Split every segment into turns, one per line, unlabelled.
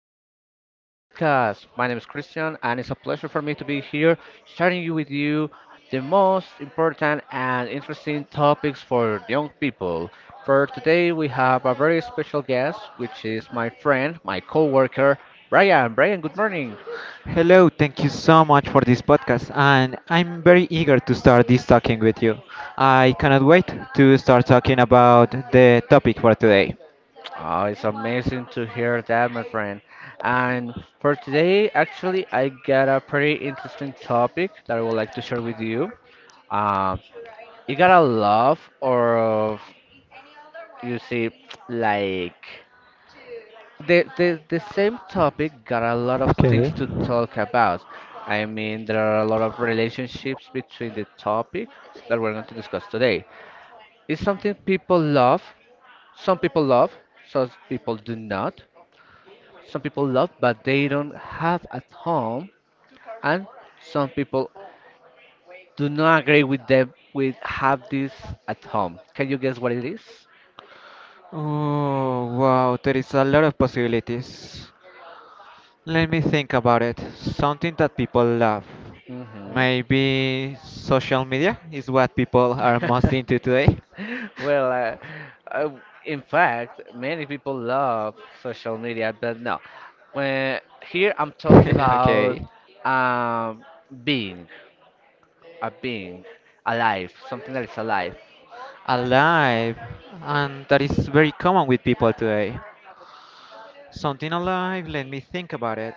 once again to my podcast. My name is Christian, and it's a pleasure for me to be here sharing you with you the most important and interesting topics for young people. For today, we have a very special guest, which is my friend, my coworker, Brian. Brian, good morning.
Hello, thank you so much for this podcast, and I'm very eager to start this talking with you. I cannot wait to start talking about the topic for today.
Oh, it's amazing to hear that, my friend. And for today, actually, I got a pretty interesting topic that I would like to share with you. Um, you gotta love or you see like the same topic got a lot of things
Okay.
to talk about. I mean, there are a lot of relationships between the topic that we're going to discuss today. It's something people love. Some people love, some people do not. Some people love but they don't have at home, and some people do not agree with them with have this at home. Can you guess what it is?
Oh, wow, there is a lot of possibilities. Let me think about it. Something that people love.
Mm-hmm.
Maybe social media is what people are most into today.
Well, uh, in fact, many people love social media, but no. When here I'm talking about
okay.
um, being, a being, alive, something that is alive.
Alive. And that is very common with people today. Something alive, let me think about it.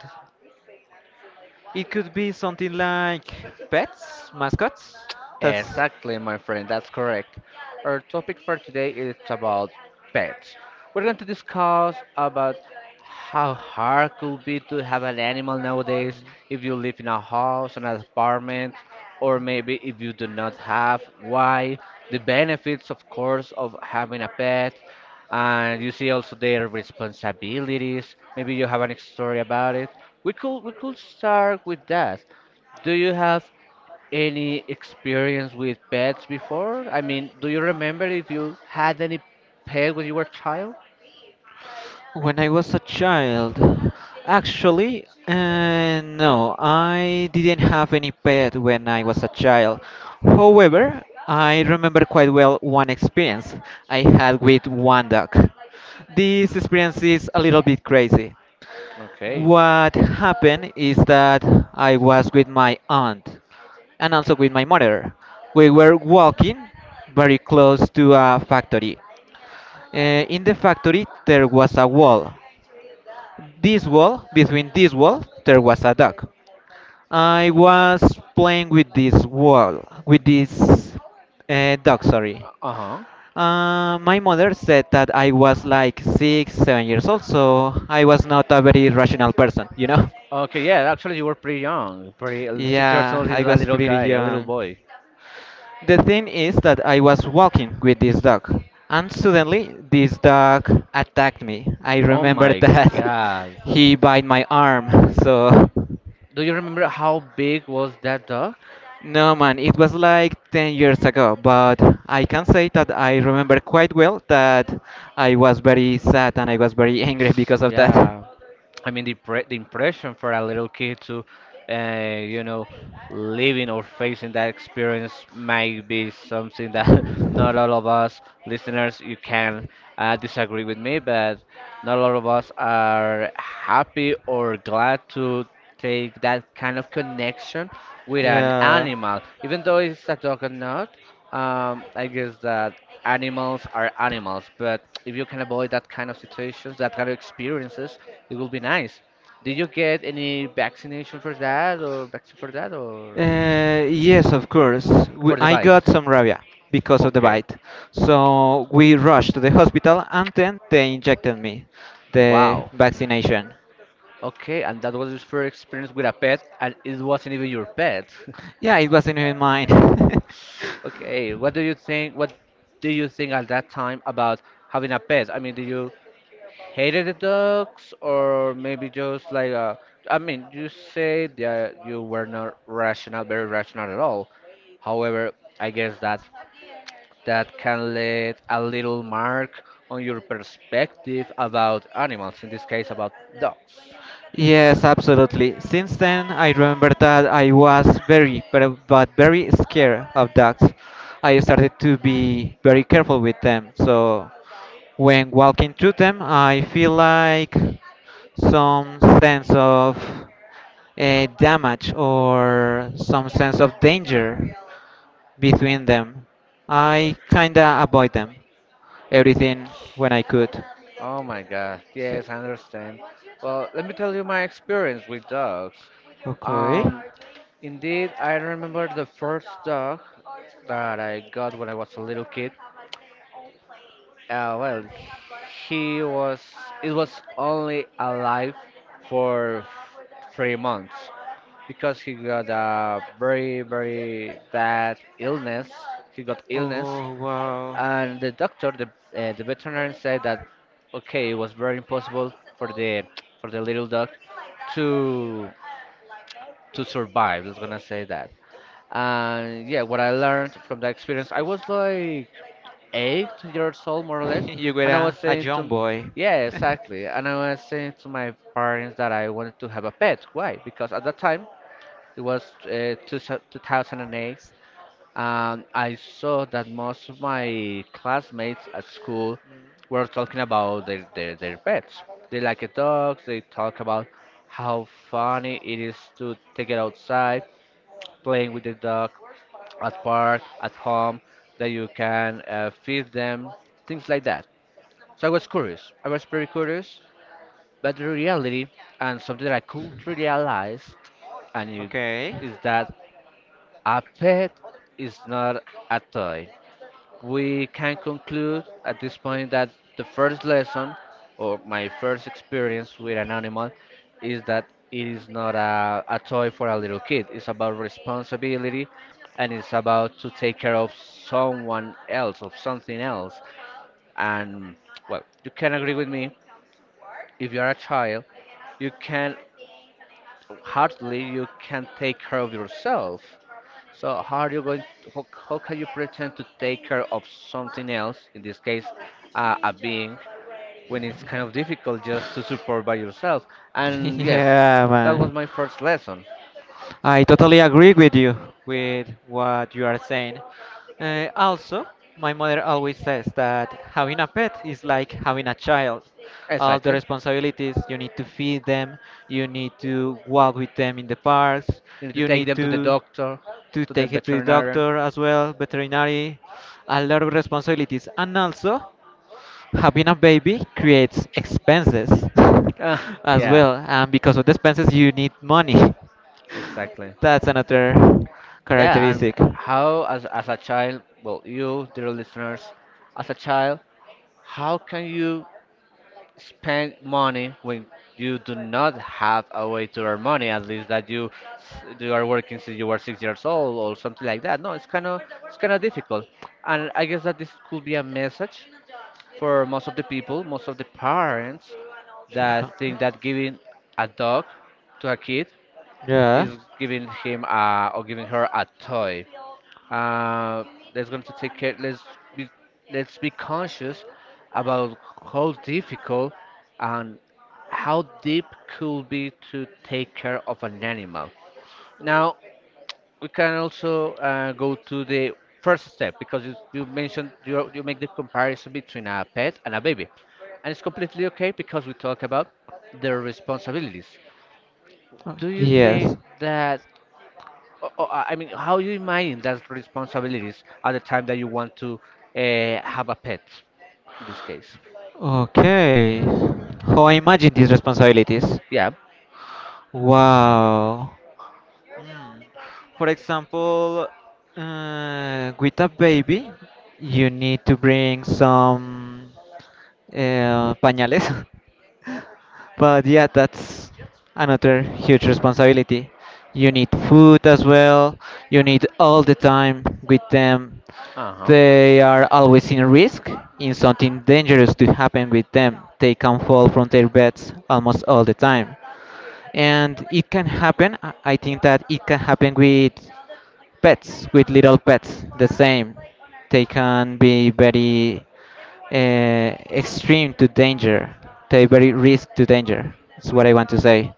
It could be something like pets, mascots. That's
Exactly, my friend, that's correct. Our topic for today is about pets. We're going to discuss about how hard could be to have an animal nowadays if you live in a house, an apartment, or maybe if you do not have, why, the benefits, of course, of having a pet, and you see also their responsibilities. Maybe you have an story about it. We could start with that. Do you have any experience with pets before? I mean, do you remember if you had any pet when you were a child?
when I was a child. Actually, no, I didn't have any pet when I was a child. However, I remember quite well one experience I had with one dog. This experience is a little bit crazy.
Okay.
What happened is that I was with my aunt, and also with my mother. We were walking very close to a factory. In the factory, there was a wall. This wall, between this wall, there was a dog. I was playing with this wall, with this dog, sorry.
Uh-huh.
My mother said that I was like 6, 7 years old, so I was not a very rational person.
Okay, yeah, actually you were pretty young. Pretty 6 years
Yeah,
old
I
is a
was
little
pretty
guy, a little
young.
boy.
The thing is that I was walking with this dog, and suddenly this dog attacked me. I
Oh
remember
my
that
God.
he bit my arm. So,
Do you remember how big was that dog?
no man, it was like 10 years ago, but I can say that I remember quite well that I was very sad and I was very angry because of that.
Yeah. I mean, the impression for a little kid to, you know, living or facing that experience might be something that not all of us listeners you can disagree with me, but not all of us are happy or glad to take that kind of connection with an
Yeah.
animal, even though it's a dog or not. I guess that animals are animals, but if you can avoid that kind of situations, that kind of experiences, it will be nice. Did you get any vaccination for that or vaccine for that or
Yes, of course.
for the
I got
bite?
some rabia because of the
Okay.
bite. So we rushed to the hospital and then they injected me the
Wow.
vaccination.
Okay, and that was your first experience with a pet and it wasn't even your pet.
Yeah, it wasn't even mine.
Okay, what do you think, what do you think at that time about having a pet? I mean, do you hated the dogs or maybe just like, I mean you say that you were not rational, very rational at all. However, I guess that that can leave a little mark on your perspective about animals, in this case about dogs.
Yes, absolutely. Since then, I remember that I was very, but very scared of dogs. I started to be very careful with them. So when walking through them, I feel like some sense of damage or some sense of danger between them. I kinda avoid them, everything when I could.
Oh my god,
Okay.
yes, I understand. Well, let me tell you my experience with dogs.
Okay.
Um, Indeed, I remember the first dog that I got when I was a little kid. Well, he was. It was only alive for 3 months because he got a very very bad illness. He got illness,
Oh, wow.
and the doctor, the veterinarian said that okay, it was very impossible for the little dog to to survive. Let's gonna say that. And yeah, what I learned from that experience, I was like 8 years old, more or less,
you were
and I was
a
saying
young
to,
boy.
yeah, exactly, and I was saying to my parents that I wanted to have a pet. Why? Because at that time it was 2008, and I saw that most of my classmates at school were talking about their pets. They like dogs, they talk about how funny it is to take it outside, playing with the dog at park, at home, that you can feed them, things like that. So I was curious. I was pretty curious, but the reality and something that I could realize, and it,
okay.
is that a pet is not a toy. We can conclude at this point that the first lesson or my first experience with an animal is that it is not a toy for a little kid. It's about responsibility, and it's about to take care of someone else, of something else. And well, you can agree with me, if you're a child you can hardly you can take care of yourself. So how are you going? How can you pretend to take care of something else, in this case, a being, when it's kind of difficult just to support by yourself? And yes,
yeah,
that was
man.
my first lesson.
I totally agree with you with what you are saying. Also, my mother always says that having a pet is like having a child. All the
Exactly.
responsibilities, you need to feed them, you need to walk with them in the parks,
You need to
you
take
need
them to the
to
doctor, to the
take it to the
veterinarian.
doctor as well, veterinary, a lot of responsibilities, and also having a baby creates expenses
Ah,
as
yeah,
well, and because of the expenses you need money.
exactly.
That's another
Yeah, and
characteristic.
how as a child, well, you, dear listeners, as a child, how can you spend money when you do not have a way to earn money, at least that you you are working since you were 6 years old or something like that. No, it's kind of, it's kind of difficult, and I guess that this could be a message for most of the people, most of the parents that think that giving a dog to a kid
Yeah. Yeah.
is giving him a, or giving her a toy. Uh, Us going to take care. Be let's be conscious about how difficult and how deep could be to take care of an animal. Now we can also go to the first step because you mentioned you make the comparison between a pet and a baby, and it's completely okay because we talk about their responsibilities.
Oh,
Do you
yes.
think that? I mean, how you imagine those responsibilities at the time that you want to have a pet? In this case,
Okay. How I imagine these responsibilities.
yeah.
Wow. Hmm. For example, with a baby, you need to bring some pañales. But yeah, that's another huge responsibility. You need food as well. You need all the time with them.
Uh-huh.
They are always in risk, in something dangerous to happen with them. They can fall from their beds almost all the time. And it can happen. I think that it can happen with pets, with little pets, the same. They can be very extreme to danger, they very risk to danger. That's what I want to say.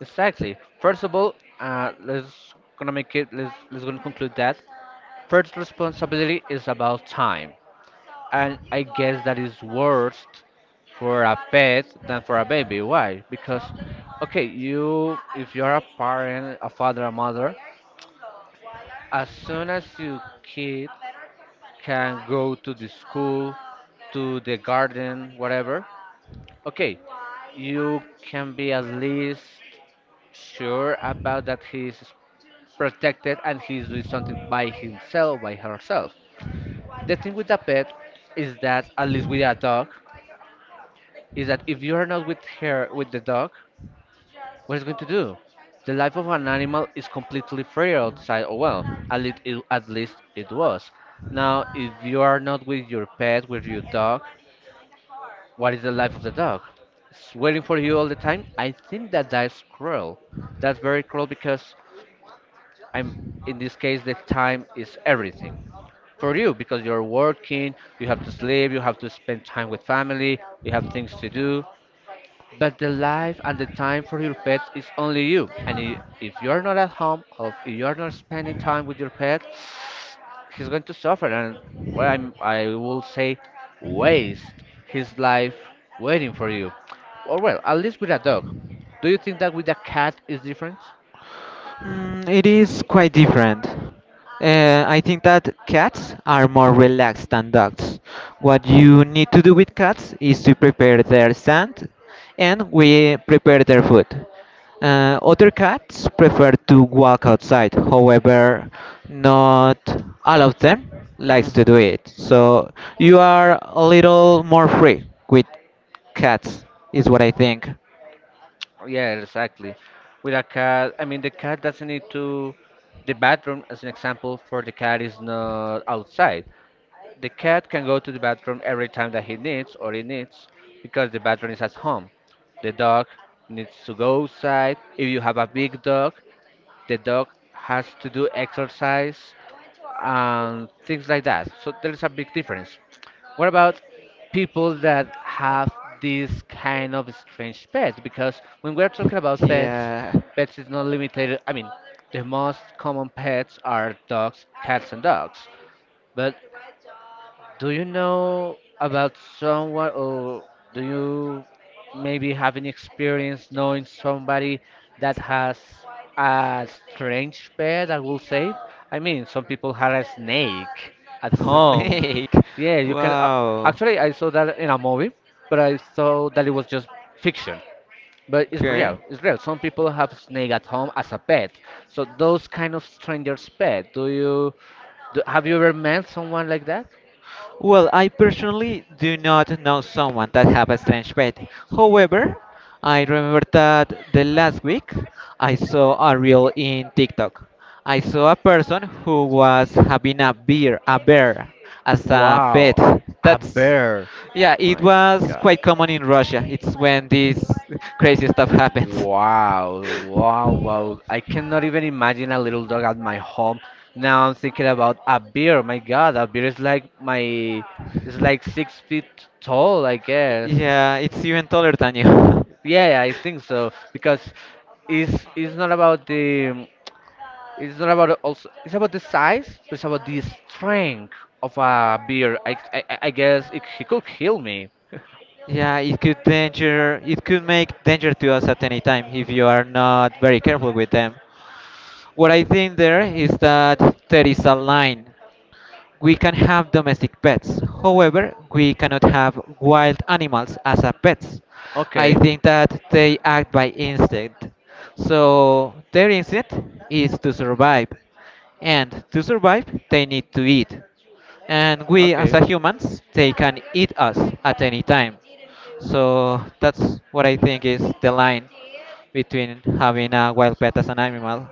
Exactly. First of all, let's gonna make it. Let's gonna conclude that first responsibility is about time, and I guess that is worse for a pet than for a baby. Why? Because, okay, you if you are a parent, a father, a mother, as soon as your kid can go to the school, to the garden, whatever, okay, you can be at least sure about that he's protected and he's doing something by himself, by herself. The thing with a pet is that, at least with a dog, is that if you are not with her, with the dog, what is going to do? The life of an animal is completely free outside. Oh well, at least it was. Now, if you are not with your pet, with your dog, what is the life of the dog? It's waiting for you all the time. I think that that's cruel. That's very cruel because I'm, in this case the time is everything for you because you're working, you have to sleep, you have to spend time with family, you have things to do. But the life and the time for your pet is only you. And if you are not at home, or if you are not spending time with your pet, he's going to suffer. And well, I'm, I will say, waste his life waiting for you. Or well, at least with a dog. Do you think that with a cat is different?
Mm, it is quite different. I think that cats are more relaxed than dogs. What you need to do with cats is to prepare their sand and we prepare their food. Other cats prefer to walk outside, however, not all of them likes to do
Hmm.
it. So you are a little more free with cats, is what I think.
Yeah, exactly. With a cat, I mean, the cat doesn't need to. The bathroom, as an example, for the cat is not outside. The cat can go to the bathroom every time that he needs or he needs because the bathroom is at home. The dog needs to go outside. If you have a big dog, the dog has to do exercise and things like that. So there is a big difference. What about people that have this kind of strange pets? Because when we're talking about pets,
Yeah.
pets is not limited. I mean, the most common pets are dogs, cats, and dogs. But do you know about someone, or do you maybe have any experience knowing somebody that has a strange pet, I will say? I mean, some people have a snake at home.
Snake.
Yeah, you can.
Wow.
Actually, I saw that in a movie, but I thought that it was just fiction. But it's
Okay.
real. It's real. Some people have snake at home as a pet. So those kind of strangers' pet. Do you have you ever met someone like that?
Well, I personally do not know someone that have a strange pet. However, I remember that the last week I saw a reel in TikTok. I saw a person who was having a bear as a pet.
Wow, a
That's
bear.
yeah, it
My
was
God.
quite common in Russia. It's when this crazy stuff happens.
Wow, wow, wow. I cannot even imagine a little dog at my home. Now I'm thinking about a bear. My God, a bear is like my, it's like 6 feet tall, I guess.
Yeah, it's even taller than you.
Yeah, I think so. Because it's not about the it's not about also. It's about the size, but it's about the strength of a beer. I guess it. He could kill me.
Yeah, it could danger. It could make danger to us at any time if you are not very careful with them. What I think there is that there is a line. We can have domestic pets. However, we cannot have wild animals as a pets. I
Okay,
think that they act by instinct. So their instinct is to survive. And to survive, they need to eat. And we as
okay.
a humans, they can eat us at any time. So that's what I think is the line between having a wild pet as an animal.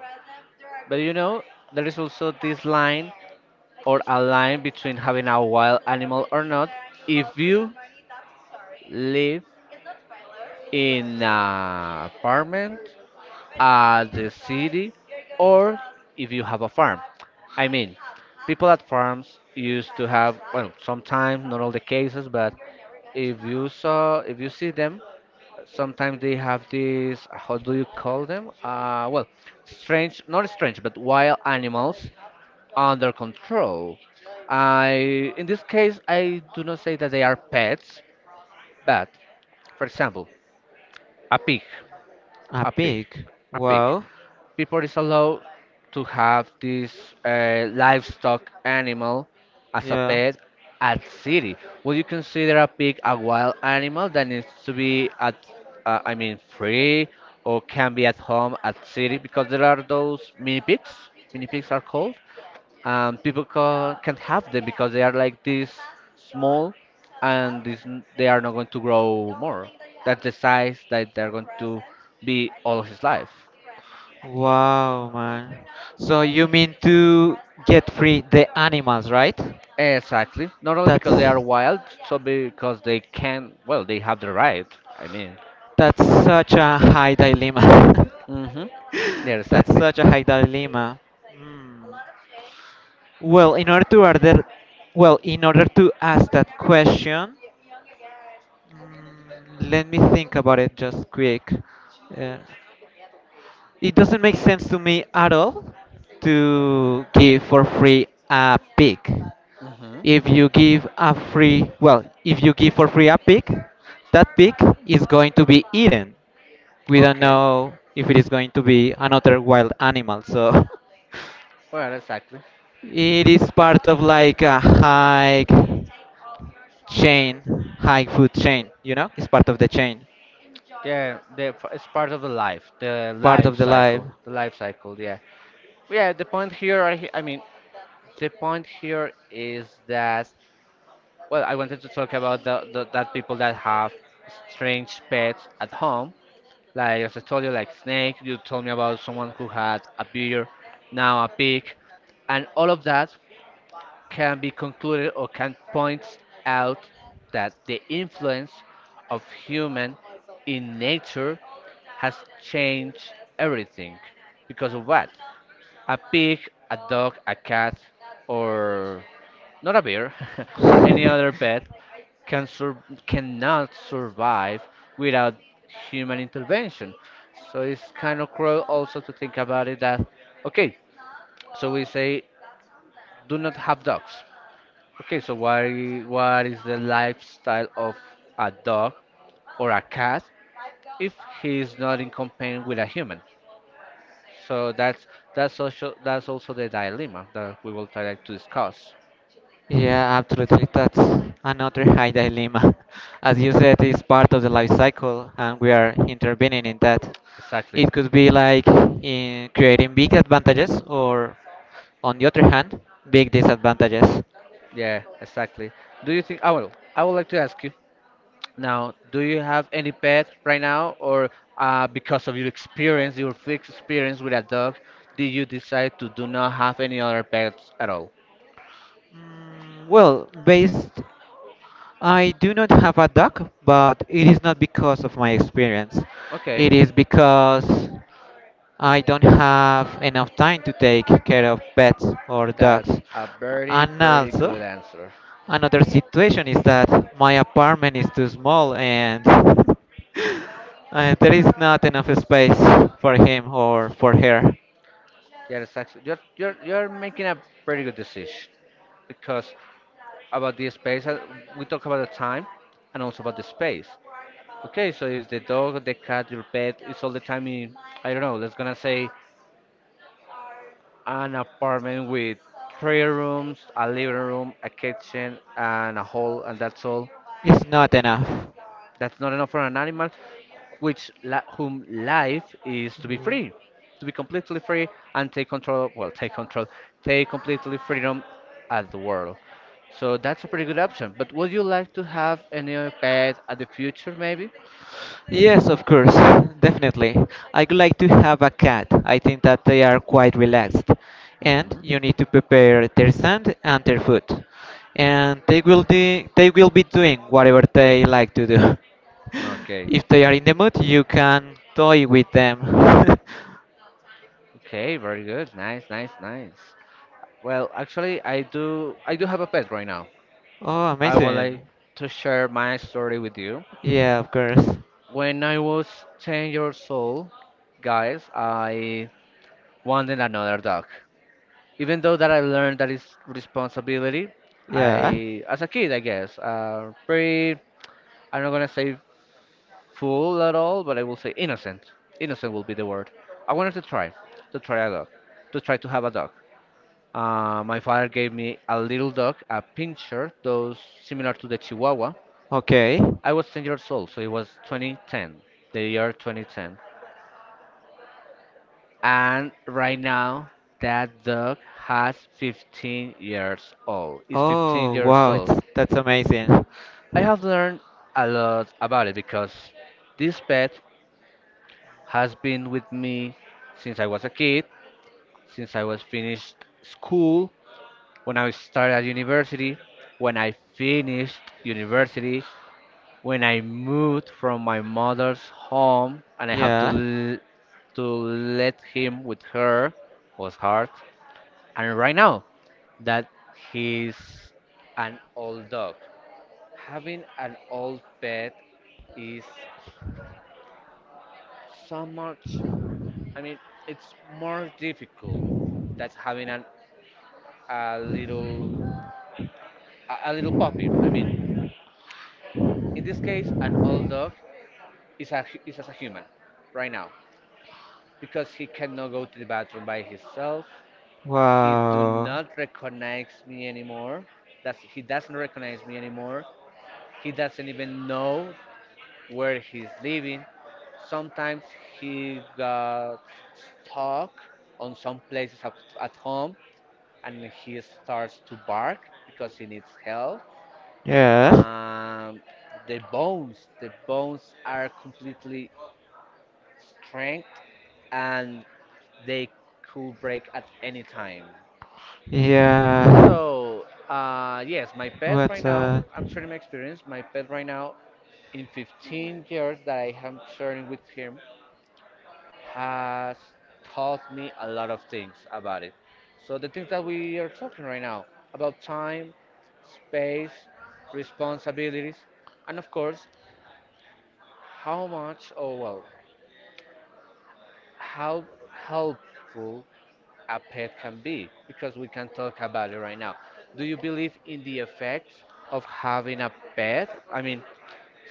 But there is also this line or a line between having a wild animal or not. If you live in an apartment at the city or if you have a farm. I mean, people at farms used to have, well, sometimes, not all the cases, but if you see them, sometimes they have these, how do you call them? Well, strange, not strange, but wild animals under control. I, in this case, I do not say that they are pets, but, for example, a pig,
A
a pig,
pig.
a pig.
Wow.
People is allowed to have this livestock animal as a
Yeah.
pet at city. Would you consider a pig a wild animal that needs to be at, I mean, free, or can be at home at city? Because there are those mini pigs. Mini pigs are called. People can't have them because they are like this small, and they are not going to grow more. That's the size that they're going to be all of his life.
Wow, man. So you mean to get free the animals, right?
Exactly. Not only
That's
because they are wild, so because well, they have the right. I mean.
that's such a high dilemma.
Mm-hmm. Yeah,
that's
exactly.
such a high dilemma. Hmm. Well, in order to well, in order to ask that question, mm, let me think about it just quick. Uh, It doesn't make sense to me at all to give for free a pig.
Mm-hmm.
If you give a well, if you give for free a pig, that pig is going to be eaten. We don't
Okay.
know if it is going to be another wild animal, so
Well, exactly.
it is part of like a chain, high food chain, you know? It's part of the chain,
Yeah, it's part of the
part
life
of the life.
cycle, the life cycle. Yeah. Yeah. The point here, I mean, the point here is that, well, I wanted to talk about the that people that have strange pets at home. Like as I told you, like snake. You told me about someone who had a beer, now a pig, and all of that can be concluded or can point out that the influence of human in nature has changed everything. Because of what? A pig, a dog, a cat, or not a bear, but any other pet cannot survive without human intervention. So it's kind of cruel also to think about it that, okay, so we say do not have dogs. Okay, so why what is the lifestyle of a dog or a cat if he is not in company with a human? So that's also the dilemma that we will try to discuss.
Yeah, absolutely. That's another high dilemma. As you said, it's part of the life cycle, and we are intervening in that.
Exactly.
It could be like in creating big advantages, or on the other hand, big disadvantages.
Yeah, exactly. Do you think? Oh, well, I would like to ask you now. Do you have any pet right now, or because of your experience, your fixed experience with a dog, did you decide to do not have any other pets at all?
Well, I do not have a dog, but it is not because of my experience.
Okay,
It is because I don't have enough time to take care of pets or
that's
dogs.
a very,
And
very
also,
good answer.
another situation is that my apartment is too small and there is not enough space for him or for her.
Yeah, exactly. You're making a pretty good decision. Because about the space, we talk about the time and also about the space. Okay, so if the dog, the cat, your pet is all the time in, I don't know, let's gonna say an apartment with three rooms, a living room, a kitchen, and a hall, and that's all.
It's not enough.
That's not enough for an animal whom life is to be free, to be completely free and take control. Well, take control, take completely freedom at the world. So that's a pretty good option. But would you like to have any other pet at the future, maybe?
Yes, of course, definitely. I would like to have a cat. I think that they are quite relaxed. And
Hmm.
you need to prepare their sand and their food. And they will be doing whatever they like to do.
Okay.
If they are in the mood, you can toy with them.
Okay. Very good. Nice. Nice. Nice. Well, actually, I do. I do have a pet right now.
Oh,
I would like
amazing.
to share my story with you.
Yeah, of course.
When I was 10 years old, guys, I one than another dog. Even though that I learned that is responsibility,
Yeah.
I, as a kid, I guess, pretty, I'm not gonna say fool at all, but I will say innocent. Innocent will be the word. I wanted to try a dog, to try to have a dog. My father gave me a little dog, a pincher, those similar to the Chihuahua.
Okay.
I was 10 years old, so it was 2010, the year 2010. And right now, that dog has 15 years old. It's 15
Oh,
years
wow,
old.
it's, that's amazing.
I have learned a lot about it because this pet has been with me since I was a kid, since I was finished school, when I started at university, when I finished university, when I moved from my mother's home and I have to
Yeah.
let him with her was hard. And right now, that he's an old dog. Having an old pet is so much, I mean, it's more difficult than having an, a little a little puppy. I mean, in this case, an old dog is as a human right now because he cannot go to the bathroom by himself. He do
Wow.
not recognize me anymore. He doesn't recognize me anymore. He doesn't even know where he's living. Sometimes he got stuck on some places at home, and he starts to bark because he needs help.
Yeah.
Um, the bones are completely strength, and they could break at any time.
Yeah.
So, yes, my pet
What's
right now,
that?
I'm sharing my experience. My pet right now, in 15 years that I am sharing with him, has taught me a lot of things about it. So, the things that we are talking right now about time, space, responsibilities, and of course, how much, or well, how helpful a pet can be because we can talk about it right now. Do you believe in the effects of having a pet? I mean,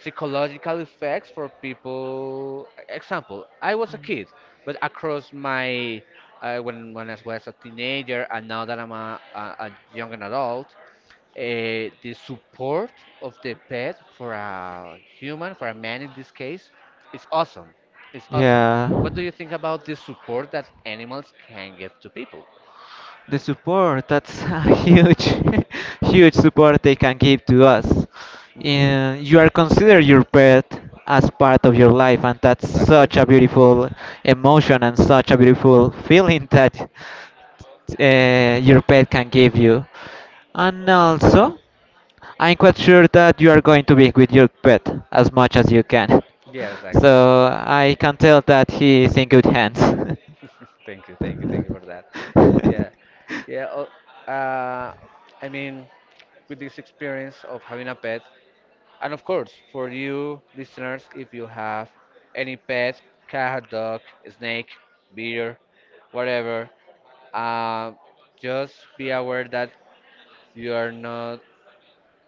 psychological effects for people. Example, I was a kid, but across my when I was a teenager and now that I'm a young adult, the support of the pet for a human, for a man in this case, is awesome. It's awesome.
Yeah.
What do you think about the support that animals can give to people?
The support, that's a huge, huge support they can give to us.
Hmm.
And you are consider your pet as part of your life, and that's
Exactly.
such a beautiful emotion and such a beautiful feeling that your pet can give you. And also, I'm quite sure that you are going to be with your pet as much as you can.
Yeah,
So
exactly.
I can tell that he is in good hands.
Thank you, thank you, thank you for that. Yeah, yeah. Oh, Uh, I mean, with this experience of having a pet, and of course, for you listeners, if you have any pet, cat, dog, snake, beer, whatever, Uh, just be aware that you are not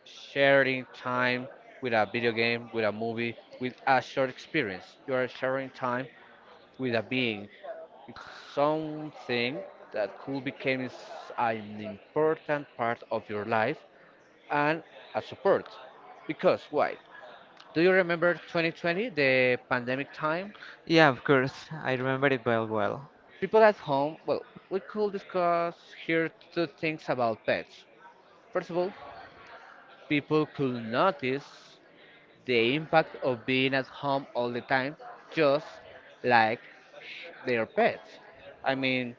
sharing time with a video game, with a movie, with a short experience. You are sharing time with a being. It's something that could become is an important part of your life and a support. Because why? Do you remember 2020, the pandemic time?
yeah, of course. I remember it well, well.
People at home, well, we could discuss here two things about pets. First of all, people could notice the impact of being at home all the time, just like their pets. I mean,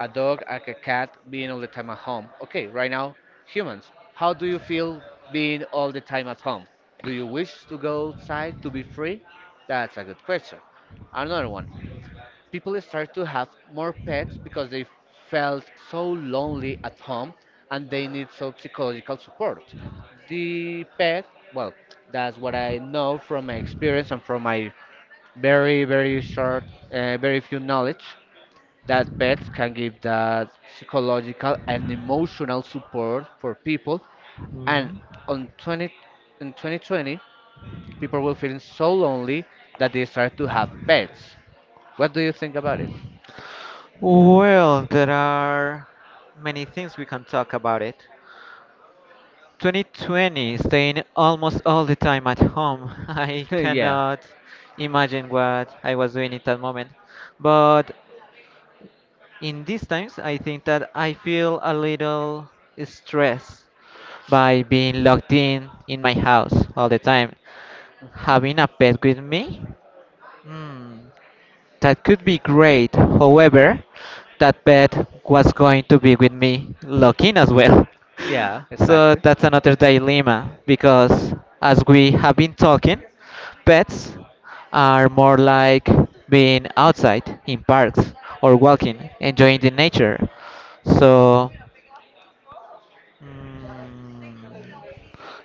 a dog, like a cat, being all the time at home. Okay, right now, humans, how do you feel being all the time at home? Do you wish to go outside to be free? That's a good question. Another one, people start to have more pets because they felt so lonely at home and they need some psychological support. The pet, well, that's what I know from my experience and from my very, very short, very few knowledge that pets can give that psychological and emotional support for people. And
Mhm.
on 20, in 2020, people were feeling so lonely that they start to have pets. What do you think about it?
Well, there are many things we can talk about it. 2020, staying almost all the time at home. I
Yeah.
cannot imagine what I was doing at that moment. But in these times, I think that I feel a little stressed by being locked in my house all the time.
Hmm,
Having a pet with me? Hmm. That could be great, however, that bet was going to be with me looking as well.
yeah,
So
exactly.
that's another dilemma because, as we have been talking, pets are more like being outside in parks or walking, enjoying the nature. So mm,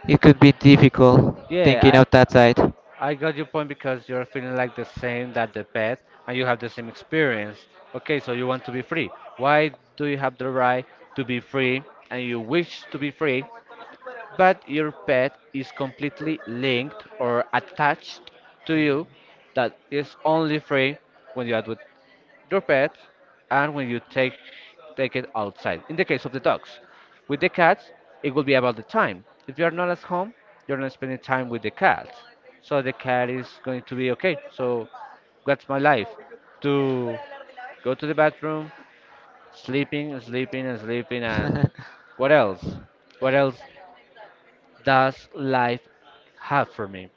it could be difficult thinking
Yeah,
of that side.
I got your point because you're feeling like the same that the pet and you have the same experience. Okay, so you want to be free. Why do you have the right to be free and you wish to be free, but your pet is completely linked or attached to you, that is only free when you are with your pet and when you take it outside. In the case of the dogs, with the cats, it will be about the time. If you are not at home, you're not spending time with the cat, so the cat is going to be okay. So that's my life: to go to the bathroom, sleeping, sleeping, and sleeping,
Okay.
and what else? What else does life have for me?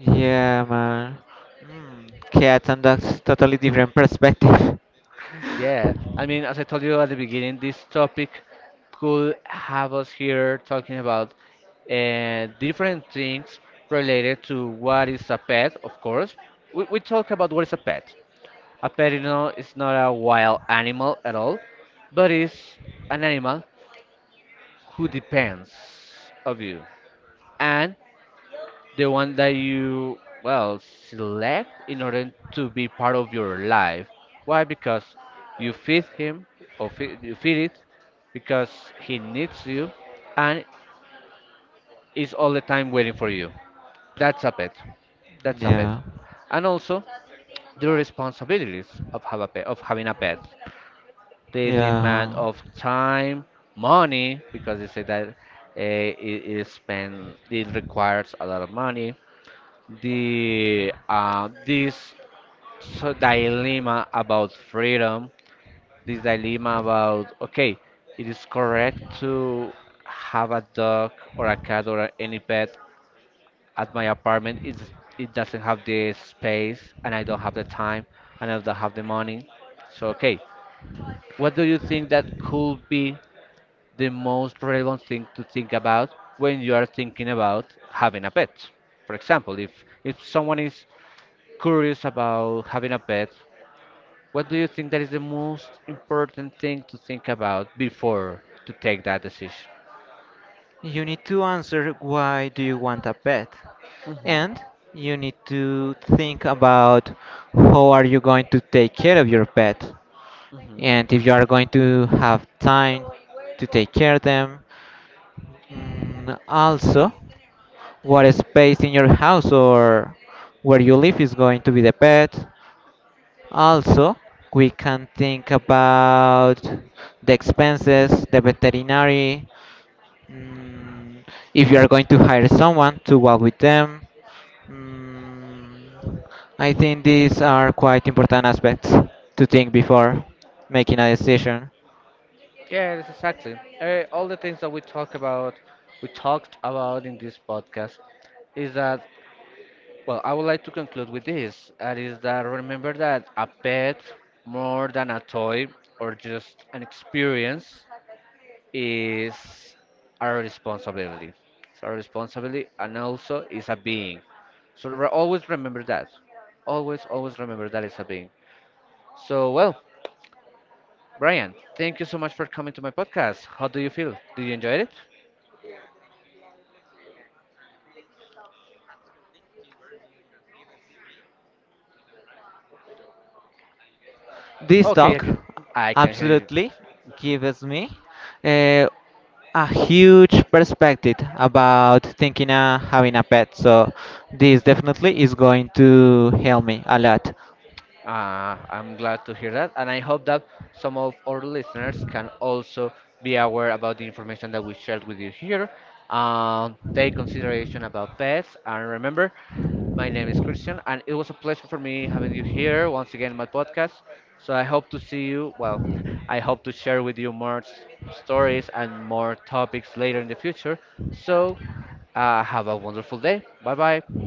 Yeah, man. Mm, cats and dogs, totally different perspective.
Yeah, I mean, as I told you at the beginning, this topic could have us here talking about different things related to what is a pet, of course. We talk about what is a pet. A pet is not a wild animal at all, but is an animal who depends of you. And the one that you, well, select in order to be part of your life. Why? Because you feed him, you feed it, because he needs you and is all the time waiting for you. That's a pet. That's a pet.
Yeah,
And also the responsibilities of having a pet, the demand
yeah.
of time, money, because they say that, it, is spend it requires a lot of money. The This so dilemma about freedom, this dilemma about, okay, it is correct to have a dog or a cat or any pet at my apartment. It doesn't have the space, and I don't have the time, and I don't have the money. So, okay, what do you think that could be the most relevant thing to think about when you are thinking about having a pet? For example, if someone is curious about having a pet, what do you think that is the most important thing to think about before to take that decision?
You need to answer why do you want a pet,
Mhm.
and you need to think about how are you going to take care of your pet,
Mhm.
and if you are going to have time to take care of them. Mm, also, what space in your house or where you live is going to be the pet. Also, we can think about the expenses, the veterinary, mm, if you are going to hire someone to walk with them. Mm, I think these are quite important aspects to think before making a decision.
Yeah, that's exactly. All the things that we talked about in this podcast, is that, well, I would like to conclude with this. That is that, remember that a pet, more than a toy or just an experience, is our responsibility. It's our responsibility, and also is a being. So always remember that. Always, always remember that is a being. So, well, Brian, thank you so much for coming to my podcast. How do you feel? Did you enjoy it?
This
Okay, I
talk
can, I can hear you.
absolutely gives me uh, a huge perspective about thinking of having a pet. So this definitely is going to help me a lot.
I'm glad to hear that, and I hope that some of our listeners can also be aware about the information that we shared with you here. Take consideration about pets, and remember, my name is Christian, and it was a pleasure for me having you here once again in my podcast. So I hope to see you. Well, I hope to share with you more stories and more topics later in the future. So have a wonderful day. Bye bye.